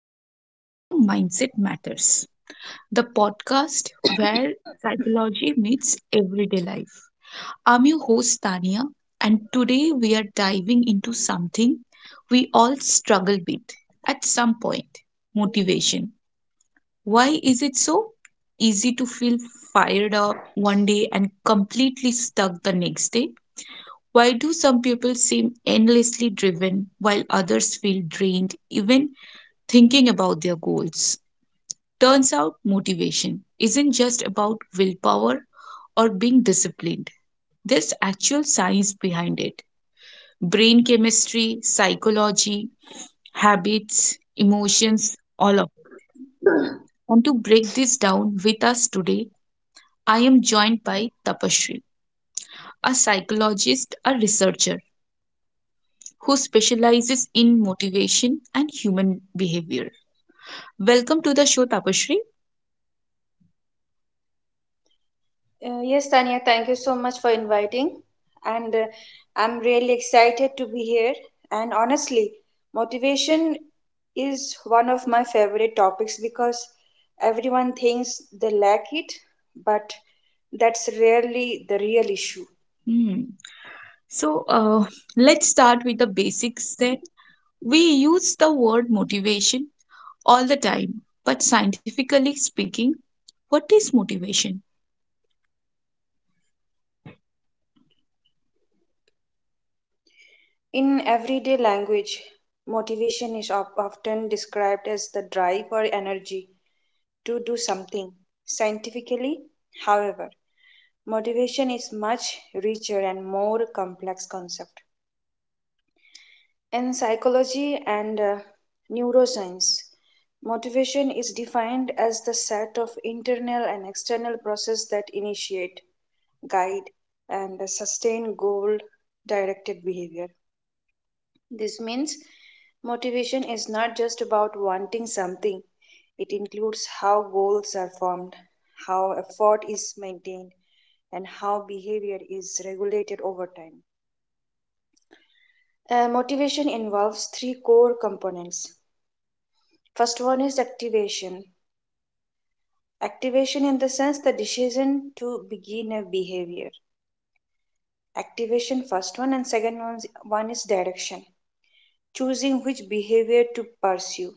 and welcome to Mindset Matters, the podcast where psychology meets everyday life. I'm your host, Tania, and today we are diving into something we all struggle with at some point: motivation. Why is it so easy to feel fired up one day and completely stuck the next day? Why do some people seem endlessly driven while others feel drained even thinking about their goals? Turns out motivation isn't just about willpower or being disciplined. There's actual science behind it. Brain chemistry, psychology, habits, emotions, all of it. And to break this down with us today, I am joined by Tapashri, a psychologist, a researcher who specializes in motivation and human behavior. Welcome to the show, Tapashri. Yes, Tanya, thank you so much for inviting. And I'm really excited to be here. And honestly, motivation is one of my favorite topics because everyone thinks they lack it, but that's rarely the real issue. Hmm. So let's start with the basics then. We use the word motivation all the time, but scientifically speaking, what is motivation? In everyday language, motivation is often described as the drive or energy to do something. Scientifically, however, motivation is much richer and more complex concept. In psychology and neuroscience, motivation is defined as the set of internal and external processes that initiate, guide, and sustain goal directed behavior. This means motivation is not just about wanting something, it includes how goals are formed, how effort is maintained, and how behavior is regulated over time. Motivation involves three core components. First one is activation. Activation in the sense the decision to begin a behavior. Activation first one, and second one is direction. Choosing which behavior to pursue.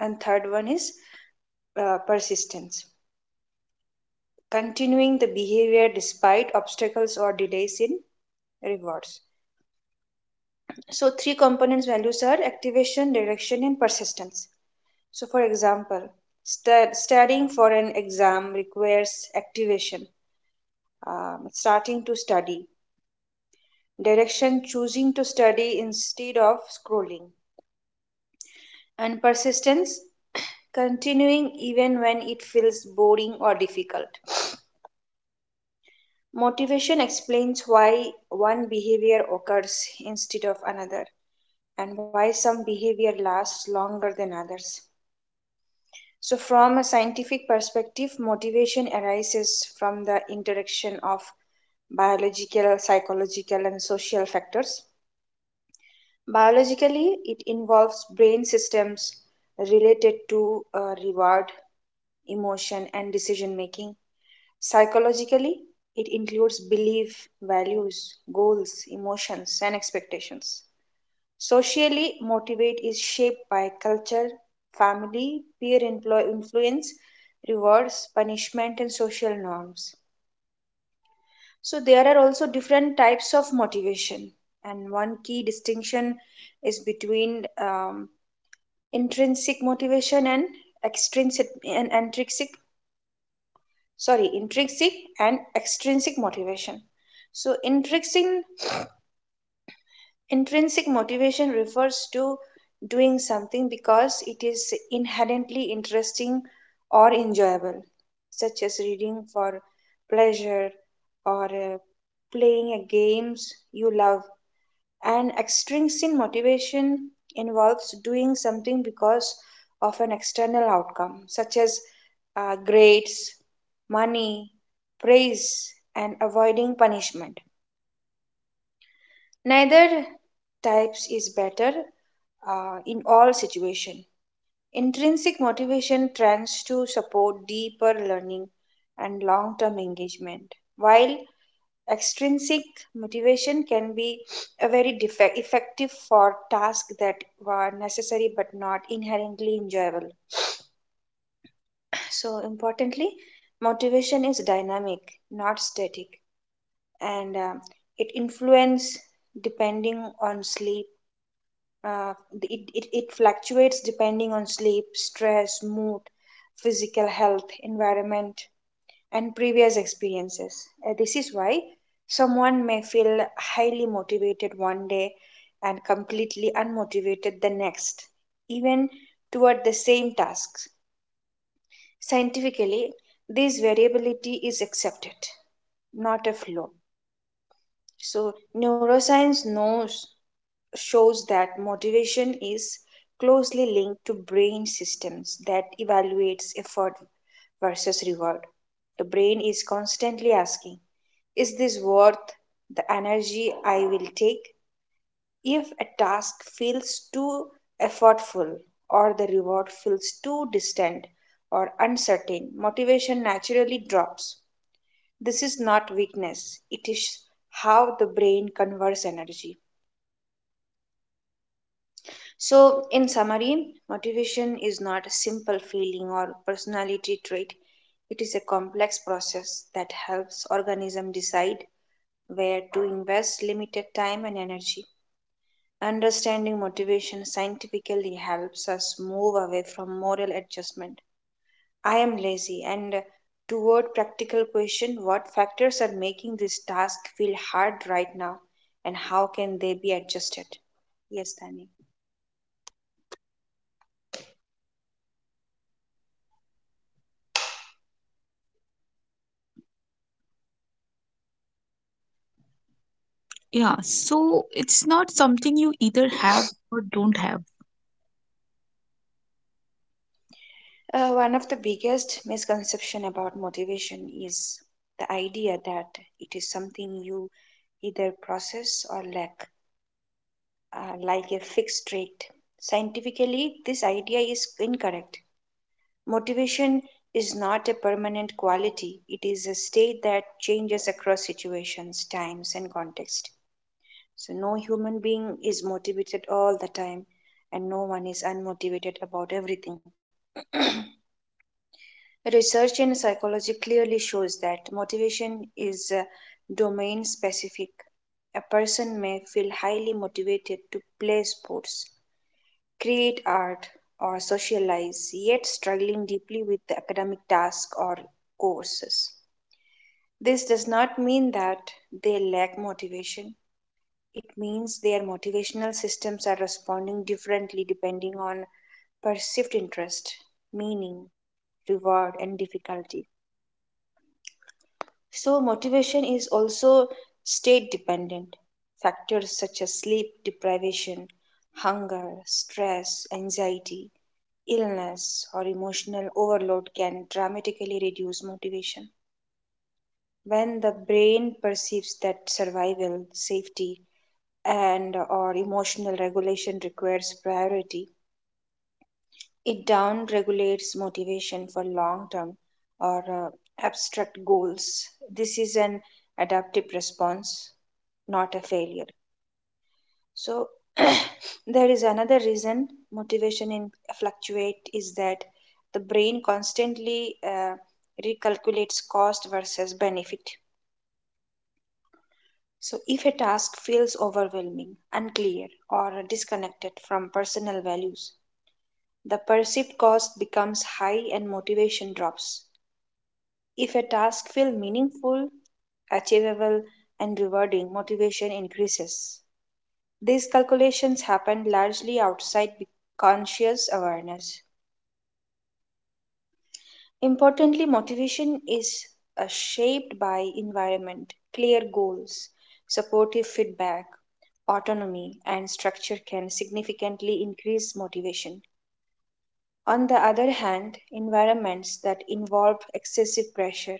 And third one is persistence, continuing the behavior despite obstacles or delays in rewards. So, three components values are activation, direction, and persistence. So, for example, studying for an exam requires activation, starting to study, direction, choosing to study instead of scrolling, and persistence, continuing even when it feels boring or difficult. Motivation explains why one behavior occurs instead of another and why some behavior lasts longer than others. So, from a scientific perspective, motivation arises from the interaction of biological, psychological, and social factors. Biologically, it involves brain systems related to reward, emotion, and decision making. Psychologically, it includes belief, values, goals, emotions, and expectations. Socially, motivate is shaped by culture, family, peer employ influence, rewards, punishment, and social norms. So, there are also different types of motivation, and one key distinction is between intrinsic motivation and extrinsic and intrinsic, sorry, intrinsic and extrinsic motivation. So intrinsic motivation refers to doing something because it is inherently interesting or enjoyable, such as reading for pleasure or playing a games you love. And extrinsic motivation involves doing something because of an external outcome, such as grades, money, praise, and avoiding punishment. Neither types is better in all situations. Intrinsic motivation tends to support deeper learning and long term engagement, while extrinsic motivation can be a very defect, effective for tasks that were necessary but not inherently enjoyable. So, importantly, motivation is dynamic, not static, and it influences depending on sleep. Uh, it fluctuates depending on sleep, stress, mood, physical health, environment, and previous experiences. This is why someone may feel highly motivated one day and completely unmotivated the next, even toward the same tasks. Scientifically, this variability is accepted, not a flaw. So, neuroscience knows shows that motivation is closely linked to brain systems that evaluates effort versus reward. The brain is constantly asking, is this worth the energy I will take? If a task feels too effortful or the reward feels too distant or uncertain, motivation naturally drops. This is not weakness, it is how the brain converts energy. So, in summary, motivation is not a simple feeling or personality trait. It is a complex process that helps organism decide where to invest limited time and energy. Understanding motivation scientifically helps us move away from moral adjustment. I am lazy and toward practical question what factors are making this task feel hard right now, and how can they be adjusted? Yes, Tani. Yeah, so it's not something you either have or don't have. One of the biggest misconception about motivation is the idea that it is something you either process or lack, like a fixed trait. Scientifically, this idea is incorrect. Motivation is not a permanent quality, it is a state that changes across situations, times, and context. So, no human being is motivated all the time, and no one is unmotivated about everything. Research in psychology clearly shows that motivation is domain specific. A person may feel highly motivated to play sports, create art, or socialize, yet struggling deeply with the academic task or courses. This does not mean that they lack motivation. It means their motivational systems are responding differently depending on perceived interest, meaning, reward, and difficulty. So, motivation is also state dependent. Factors such as sleep deprivation, hunger, stress, anxiety, illness, or emotional overload can dramatically reduce motivation. When the brain perceives that survival, safety, and or emotional regulation requires priority, it down regulates motivation for long term or abstract goals. This is an adaptive response, not a failure. So, there is another reason motivation in fluctuate is that the brain constantly recalculates cost versus benefit. So, if a task feels overwhelming, unclear, or disconnected from personal values, the perceived cost becomes high and motivation drops. If a task feels meaningful, achievable, and rewarding, motivation increases. These calculations happen largely outside conscious awareness. Importantly, motivation is shaped by environment, clear goals, supportive feedback, autonomy, and structure can significantly increase motivation. On the other hand, environments that involve excessive pressure,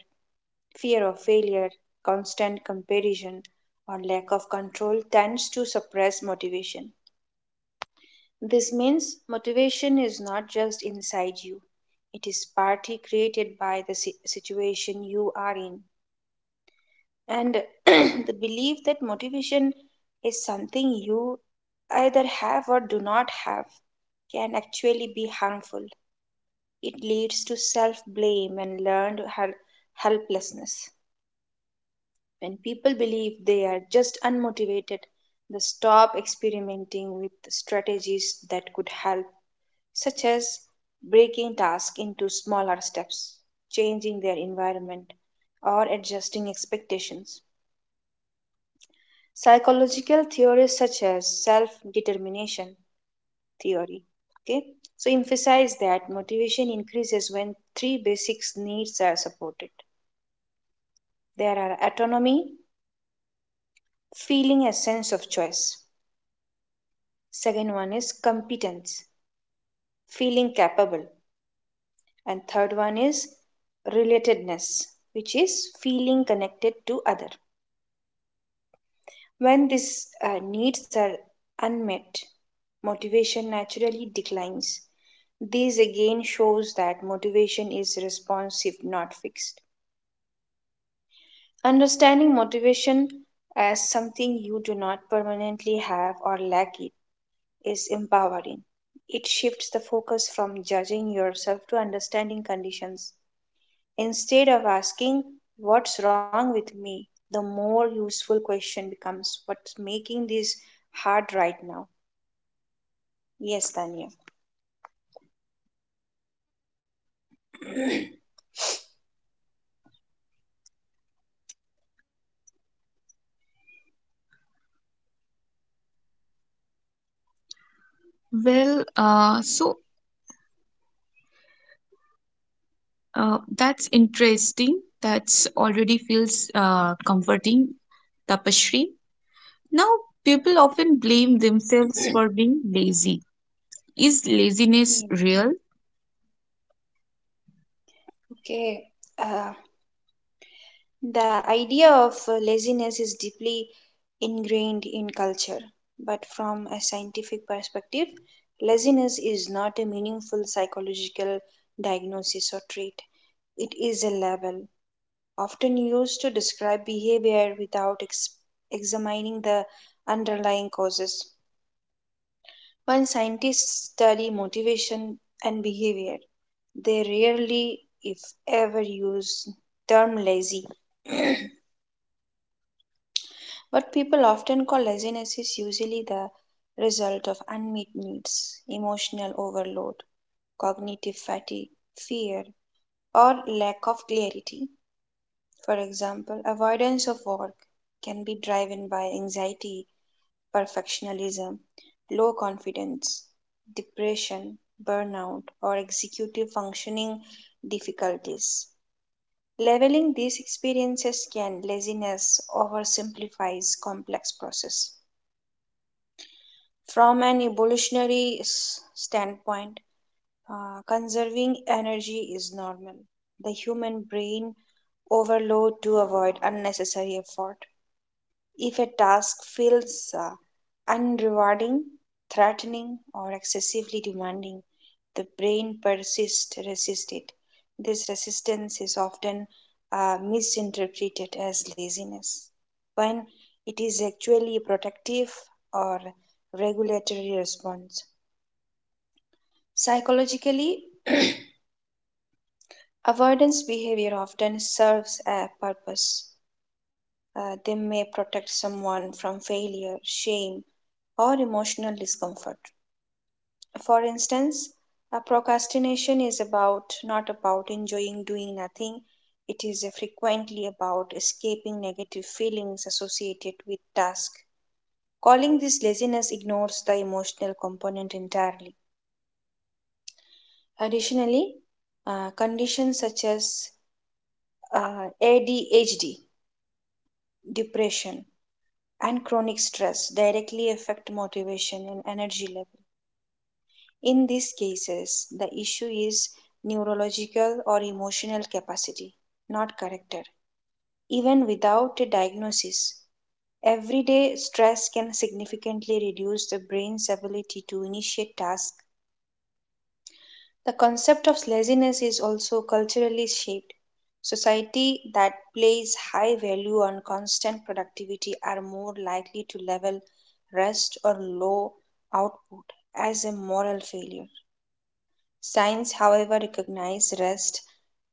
fear of failure, constant comparison, or lack of control tends to suppress motivation. This means motivation is not just inside you, it is partly created by the situation you are in. And the belief that motivation is something you either have or do not have can actually be harmful. It leads to self blame and learned helplessness. When people believe they are just unmotivated, they stop experimenting with strategies that could help, such as breaking tasks into smaller steps, changing their environment, or adjusting expectations. Psychological theories such as self determination theory, okay, so emphasize that motivation increases when three basic needs are supported. There are autonomy, feeling a sense of choice; second one is competence, feeling capable; and third one is relatedness, which is feeling connected to other. When these needs are unmet, motivation naturally declines. This again shows that motivation is responsive, not fixed. Understanding motivation as something you do not permanently have or lack it is empowering. It shifts the focus from judging yourself to understanding conditions. Instead of asking, what's wrong with me? The more useful question becomes, what's making this hard right now? Yes, Tanya. Well, uh, so that's interesting. That's already feels comforting, Tapashri. Now, people often blame themselves for being lazy. Is laziness real? Yes. Okay. Uh, the idea of laziness is deeply ingrained in culture, but from a scientific perspective, laziness is not a meaningful psychological diagnosis or trait. It is a label, often used to describe behavior without examining the underlying causes. When scientists study motivation and behavior, they rarely, if ever, use the term lazy. But people often call laziness is usually the result of unmet needs, emotional overload, cognitive fatigue, fear, or lack of clarity. For example, avoidance of work can be driven by anxiety, perfectionism, low confidence, depression, burnout, or executive functioning difficulties. Leveling these experiences can laziness oversimplifies complex process. From an evolutionary standpoint, conserving energy is normal. The human brain overload to avoid unnecessary effort. If a task feels unrewarding, threatening, or excessively demanding, the brain persists resists it. This resistance is often misinterpreted as laziness when it is actually a protective or regulatory response. Psychologically, avoidance behavior often serves a purpose. They may protect someone from failure, shame, or emotional discomfort. For instance, a procrastination is about not about enjoying doing nothing. It is frequently about escaping negative feelings associated with task. Calling this laziness ignores the emotional component entirely. Additionally, conditions such as ADHD, depression, and chronic stress directly affect motivation and energy level. In these cases, the issue is neurological or emotional capacity, not character. Even without a diagnosis, everyday stress can significantly reduce the brain's ability to initiate tasks. The concept of laziness is also culturally shaped. Society that place high value on constant productivity are more likely to level rest or low output as a moral failure. Science, however, recognize rest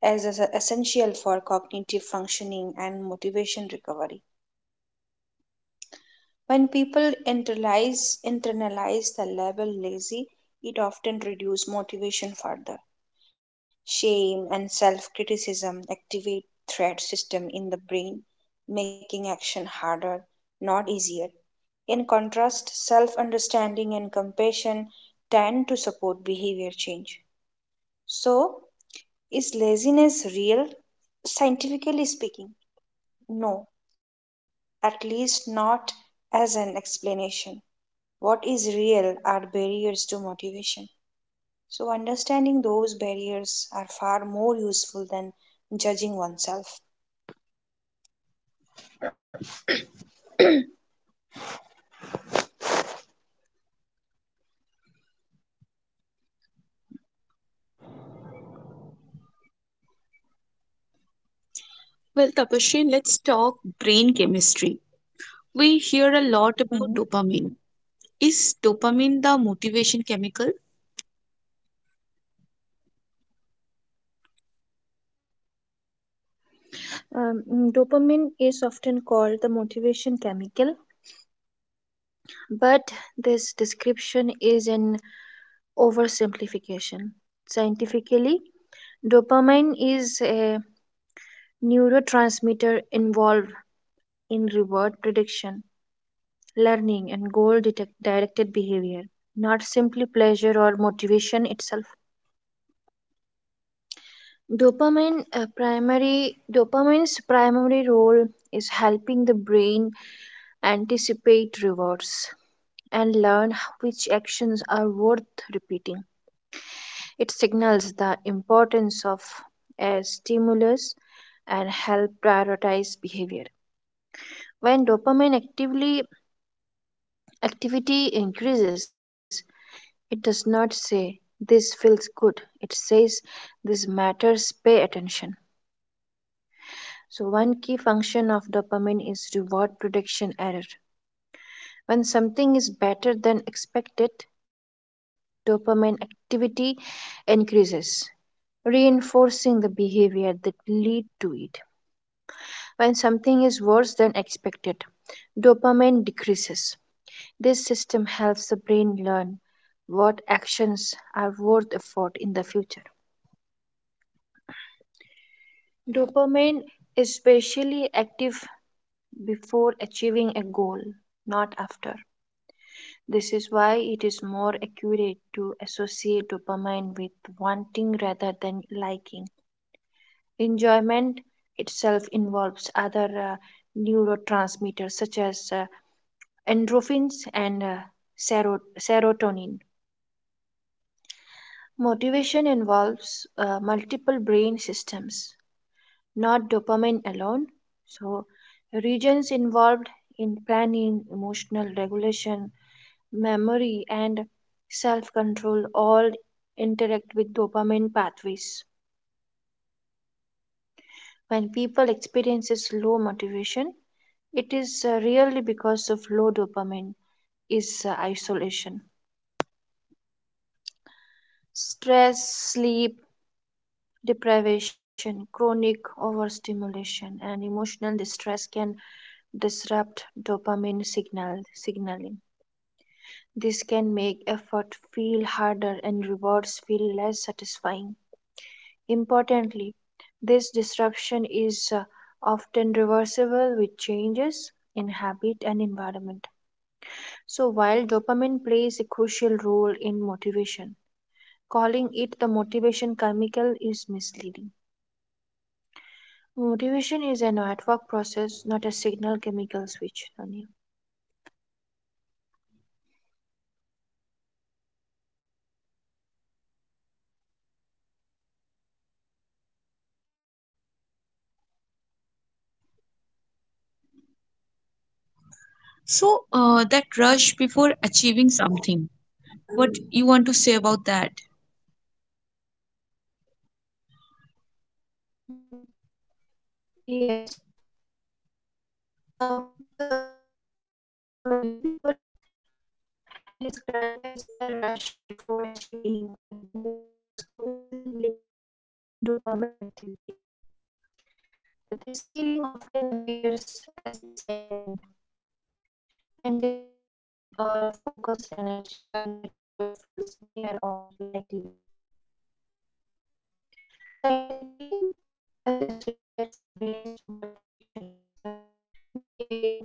as essential for cognitive functioning and motivation recovery. When people internalize the label lazy, it often reduces motivation further. Shame and self criticism activate threat system in the brain, making action harder, not easier. In contrast, self understanding and compassion tend to support behavior change. So, is laziness real? Scientifically speaking, no, at least not as an explanation. What is real are barriers to motivation. So, understanding those barriers are far more useful than judging oneself. Well, Tapashri, let's talk brain chemistry. We hear a lot about Mm. dopamine. Is dopamine the motivation chemical? Dopamine is often called the motivation chemical, but this description is an oversimplification. Scientifically, dopamine is a neurotransmitter involved in reward prediction, learning, and goal directed behavior, not simply pleasure or motivation itself. Dopamine's primary role is helping the brain anticipate rewards and learn which actions worth repeating. It signals the importance of a stimulus and help prioritize behavior. When dopamine actively activity increases, it does not say this feels good. It says this matters, pay attention. So, one key function of dopamine is reward prediction error. When something is better than expected, dopamine activity increases, reinforcing the behavior that lead to it. When something is worse than expected, dopamine decreases. This system helps the brain learn what actions are worth effort in the future. Dopamine is especially active before achieving a goal, not after. This is why it is more accurate to associate dopamine with wanting rather than liking. Enjoyment itself involves other neurotransmitters such as endorphins and serotonin. Motivation involves multiple brain systems. Not dopamine alone. So, regions involved in planning, emotional regulation, memory, and self control all interact with dopamine pathways. When people experiences low motivation, it is really because of low dopamine is isolation. Stress, sleep, Deprivation, chronic overstimulation, and emotional distress can disrupt signaling. This can make effort feel harder and rewards feel less satisfying. Importantly, this disruption is often reversible with changes in habit and environment. So, while dopamine plays a crucial role in motivation, calling it the motivation chemical is misleading. Motivation is an network process, not a signal chemical switch. Tanya. That rush before achieving something. What you want to say about that? Mhm. Yes, with the yes, what many people describe as the rush before achieving a goal is closely linked to dopamine activity. This feeling often appears as excitement, anticipation, or a focused energy when a reward feels near or likely. Scientifically, this reflects the brain's reward prediction system gearing up for action.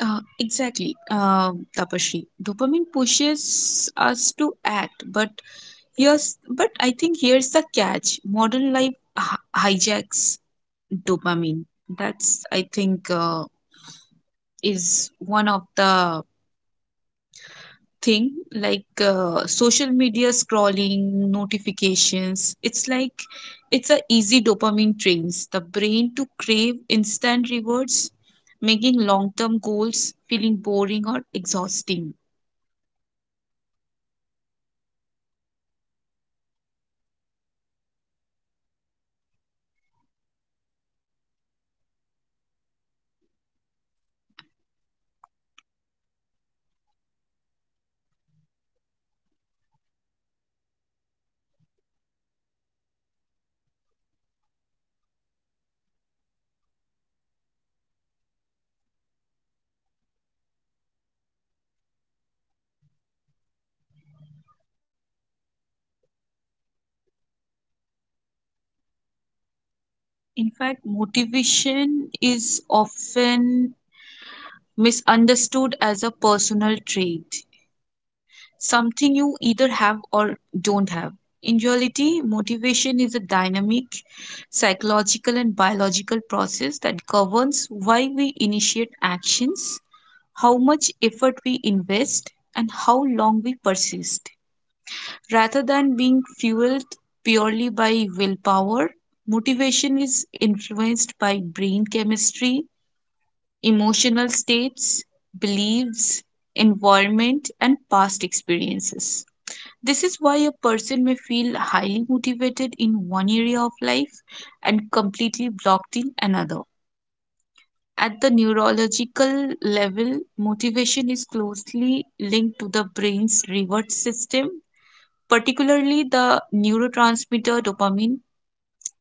Exactly, Tapashri. Dopamine pushes us to act, but here's but I think here's the catch. Modern life hijacks dopamine. That's I think is one of the thing, like social media scrolling, notifications, it's like it's a easy dopamine trains the brain to crave instant rewards, making long term goals feeling boring or exhausting. In fact, motivation is often misunderstood as a personal trait, something you either have or don't have. In reality, motivation is a dynamic psychological and biological process that governs why we initiate actions, how much effort we invest, and how long we persist. Rather than being fueled purely by willpower, motivation is influenced by brain chemistry, emotional states, beliefs, environment, and past experiences. This is why a person may feel highly motivated in one area of life and completely blocked in another. At the neurological level, motivation is closely linked to the brain's reward system, particularly the neurotransmitter dopamine.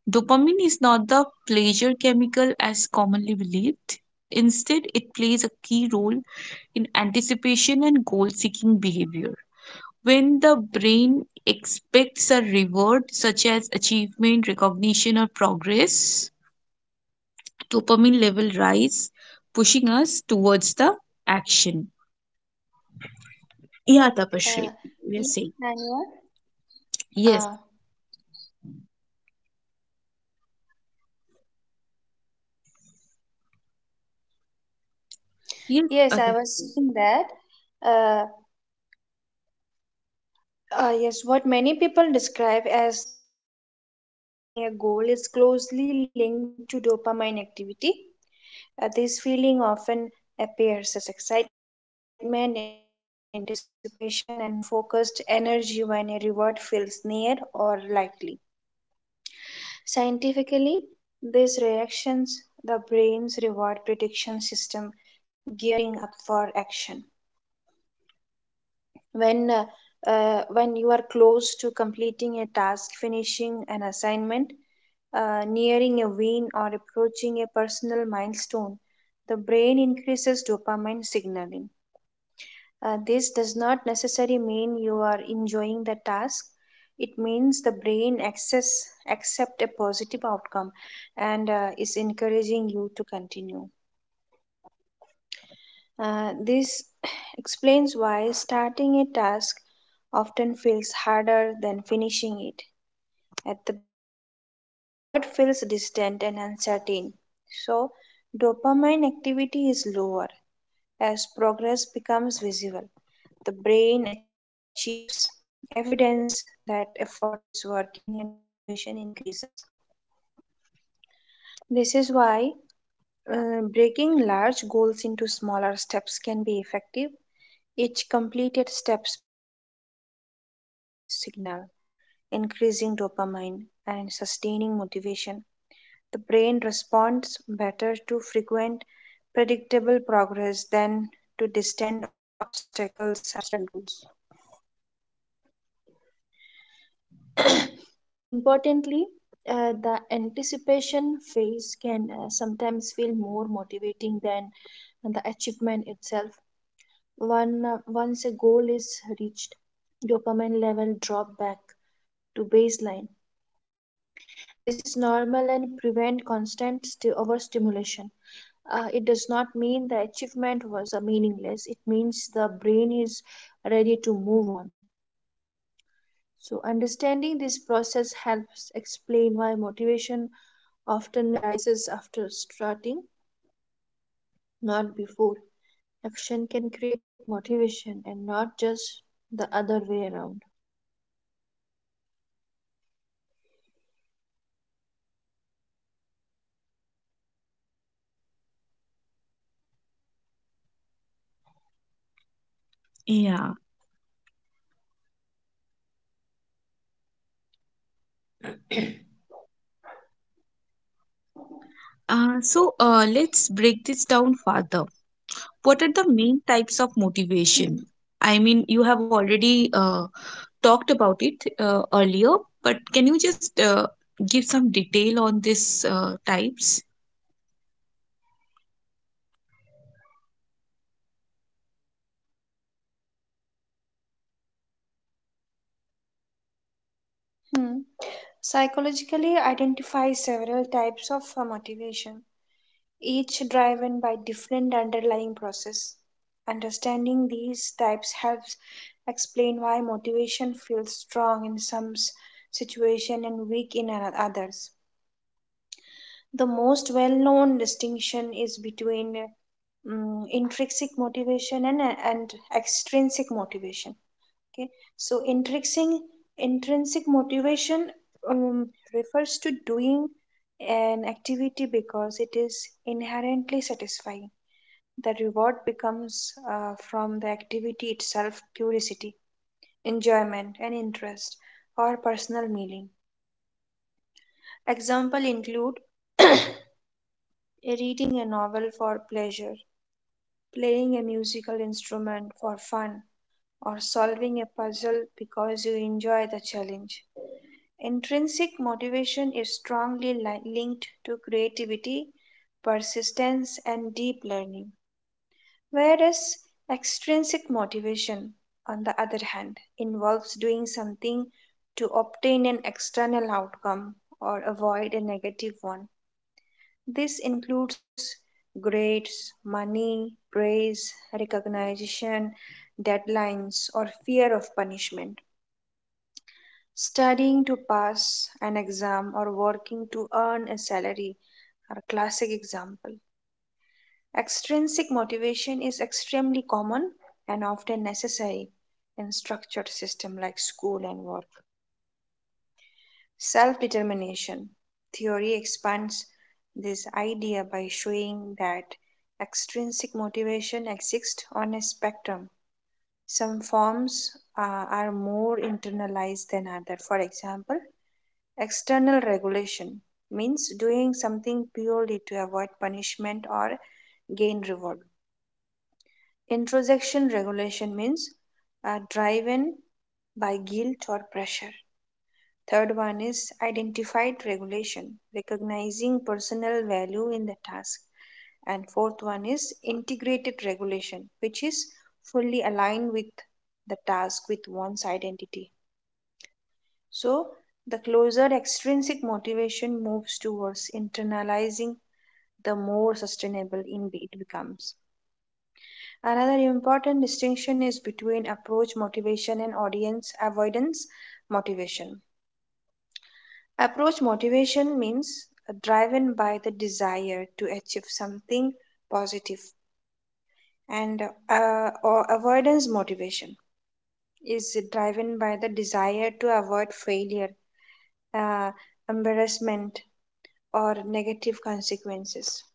Dopamine is not the pleasure chemical as commonly believed. Instead, it plays a key role in anticipation and goal seeking behavior. When the brain expects a reward, such as achievement, recognition, or progress, dopamine level rise, pushing us towards the action. Yeah, Tapashri, Yes, we are saying. Tanya. Uh, Yes, yes, yes, I was Tapasree. seeing that. Uh, yes, what many people describe as the rush before achieving a goal is closely linked to dopamine activity. This feeling often appears as excitement, anticipation, and focused energy when a reward feels near or likely. Scientifically, these reactions, the brain's reward prediction system, gearing up for action. When when you are close to completing a task finishing an assignment nearing a win or approaching a personal milestone the brain increases dopamine signaling. This does not necessarily mean you are enjoying the task it means the brain access accept a positive outcome and is encouraging you to continue. This explains why starting a task often feels harder than finishing it. At the beginning, the reward feels distant and uncertain, so dopamine activity is lower. As progress becomes visible, the brain achieves evidence that effort is working and motivation increases. This is why breaking large goals into smaller steps can be effective. Each completed steps provide a mini reward signal, increasing dopamine and sustaining motivation. The brain responds better to frequent, predictable progress than to distant obstacles, abstract goals. Importantly, the anticipation phase can sometimes feel more motivating than the achievement itself. Once a goal is reached, dopamine level drop back to baseline. This is normal and prevent constant overstimulation. It does not mean the achievement was meaningless. It means the brain is ready to move on. So understanding this process helps explain why motivation often arises after starting, not before. Action can create motivation and not just the other way around. Yeah. So let's break this down further. What are the main types of Hmm. motivation? I mean, you have already talked about it earlier, but can you just give some detail on these types? Hmm. Psychologically, identify several types of motivation. Each driven by different underlying process. Understanding these types helps explain why motivation feels strong in some situation and weak in others. The most well-known distinction is between intrinsic motivation and extrinsic motivation. Okay, so intrinsic motivation um, refers to doing an activity because it is inherently satisfying. The reward becomes from the activity itself, curiosity, enjoyment and interest, personal meaning. Example include reading a novel for pleasure, playing a musical instrument for fun, or solving a puzzle because you enjoy the challenge. Intrinsic motivation is strongly linked to creativity, persistence, and deep learning, whereas extrinsic motivation, on the other hand, involves doing something to obtain an external outcome or avoid a negative one. This includes grades, money, praise, recognition, deadlines, or fear of punishment. Studying to pass an exam or working to earn a salary are classic example. Extrinsic motivation is extremely common and often necessary in structured systems like school and work. Self determination theory expands this idea by showing that extrinsic motivation exists on a spectrum. Some forms are more internalized than others. For example, External regulation means doing something purely to avoid punishment or gain reward. Introjection regulation means driven by guilt or pressure. Third one is identified regulation, recognizing personal value in the task. And fourth one is integrated regulation, which is fully aligned with the task with one's identity. So, the closer extrinsic motivation moves towards internalizing, the more sustainable in it becomes. Another important distinction is between approach motivation and audience avoidance motivation. Approach motivation means driven by the desire to achieve something positive, and or avoidance motivation is driven by the desire to avoid failure, uh, embarrassment, or negative consequences.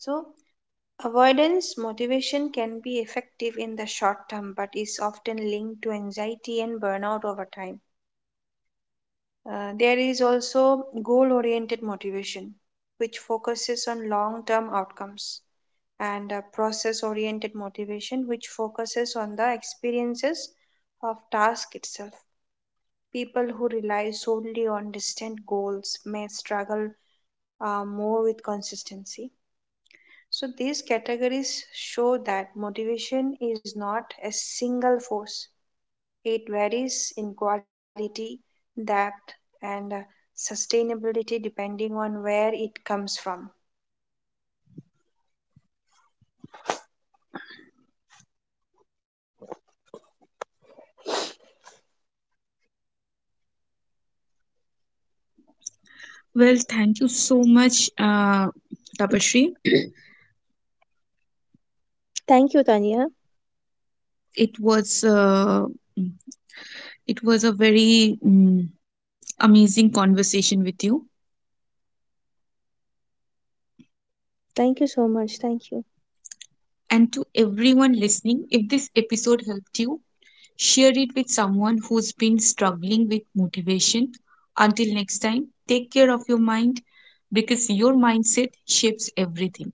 So, avoidance motivation can be effective in the short term but is often linked to anxiety and burnout over time. There is also goal oriented motivation, which focuses on long term outcomes, and process oriented motivation, which focuses on the experiences of task itself. People who rely solely on distant goals may struggle more with consistency. So these categories show that motivation is not a single force. It varies in quality, depth, and sustainability depending on where it comes from. Well, thank you so much, Tapashri. Thank you, Tania. It was uh, it was a very amazing conversation with you. Thank you so much. Thank you. And to everyone listening, if this episode helped you, share it with someone who's been struggling with motivation. Until next time, take care of your mind because your mindset shapes everything.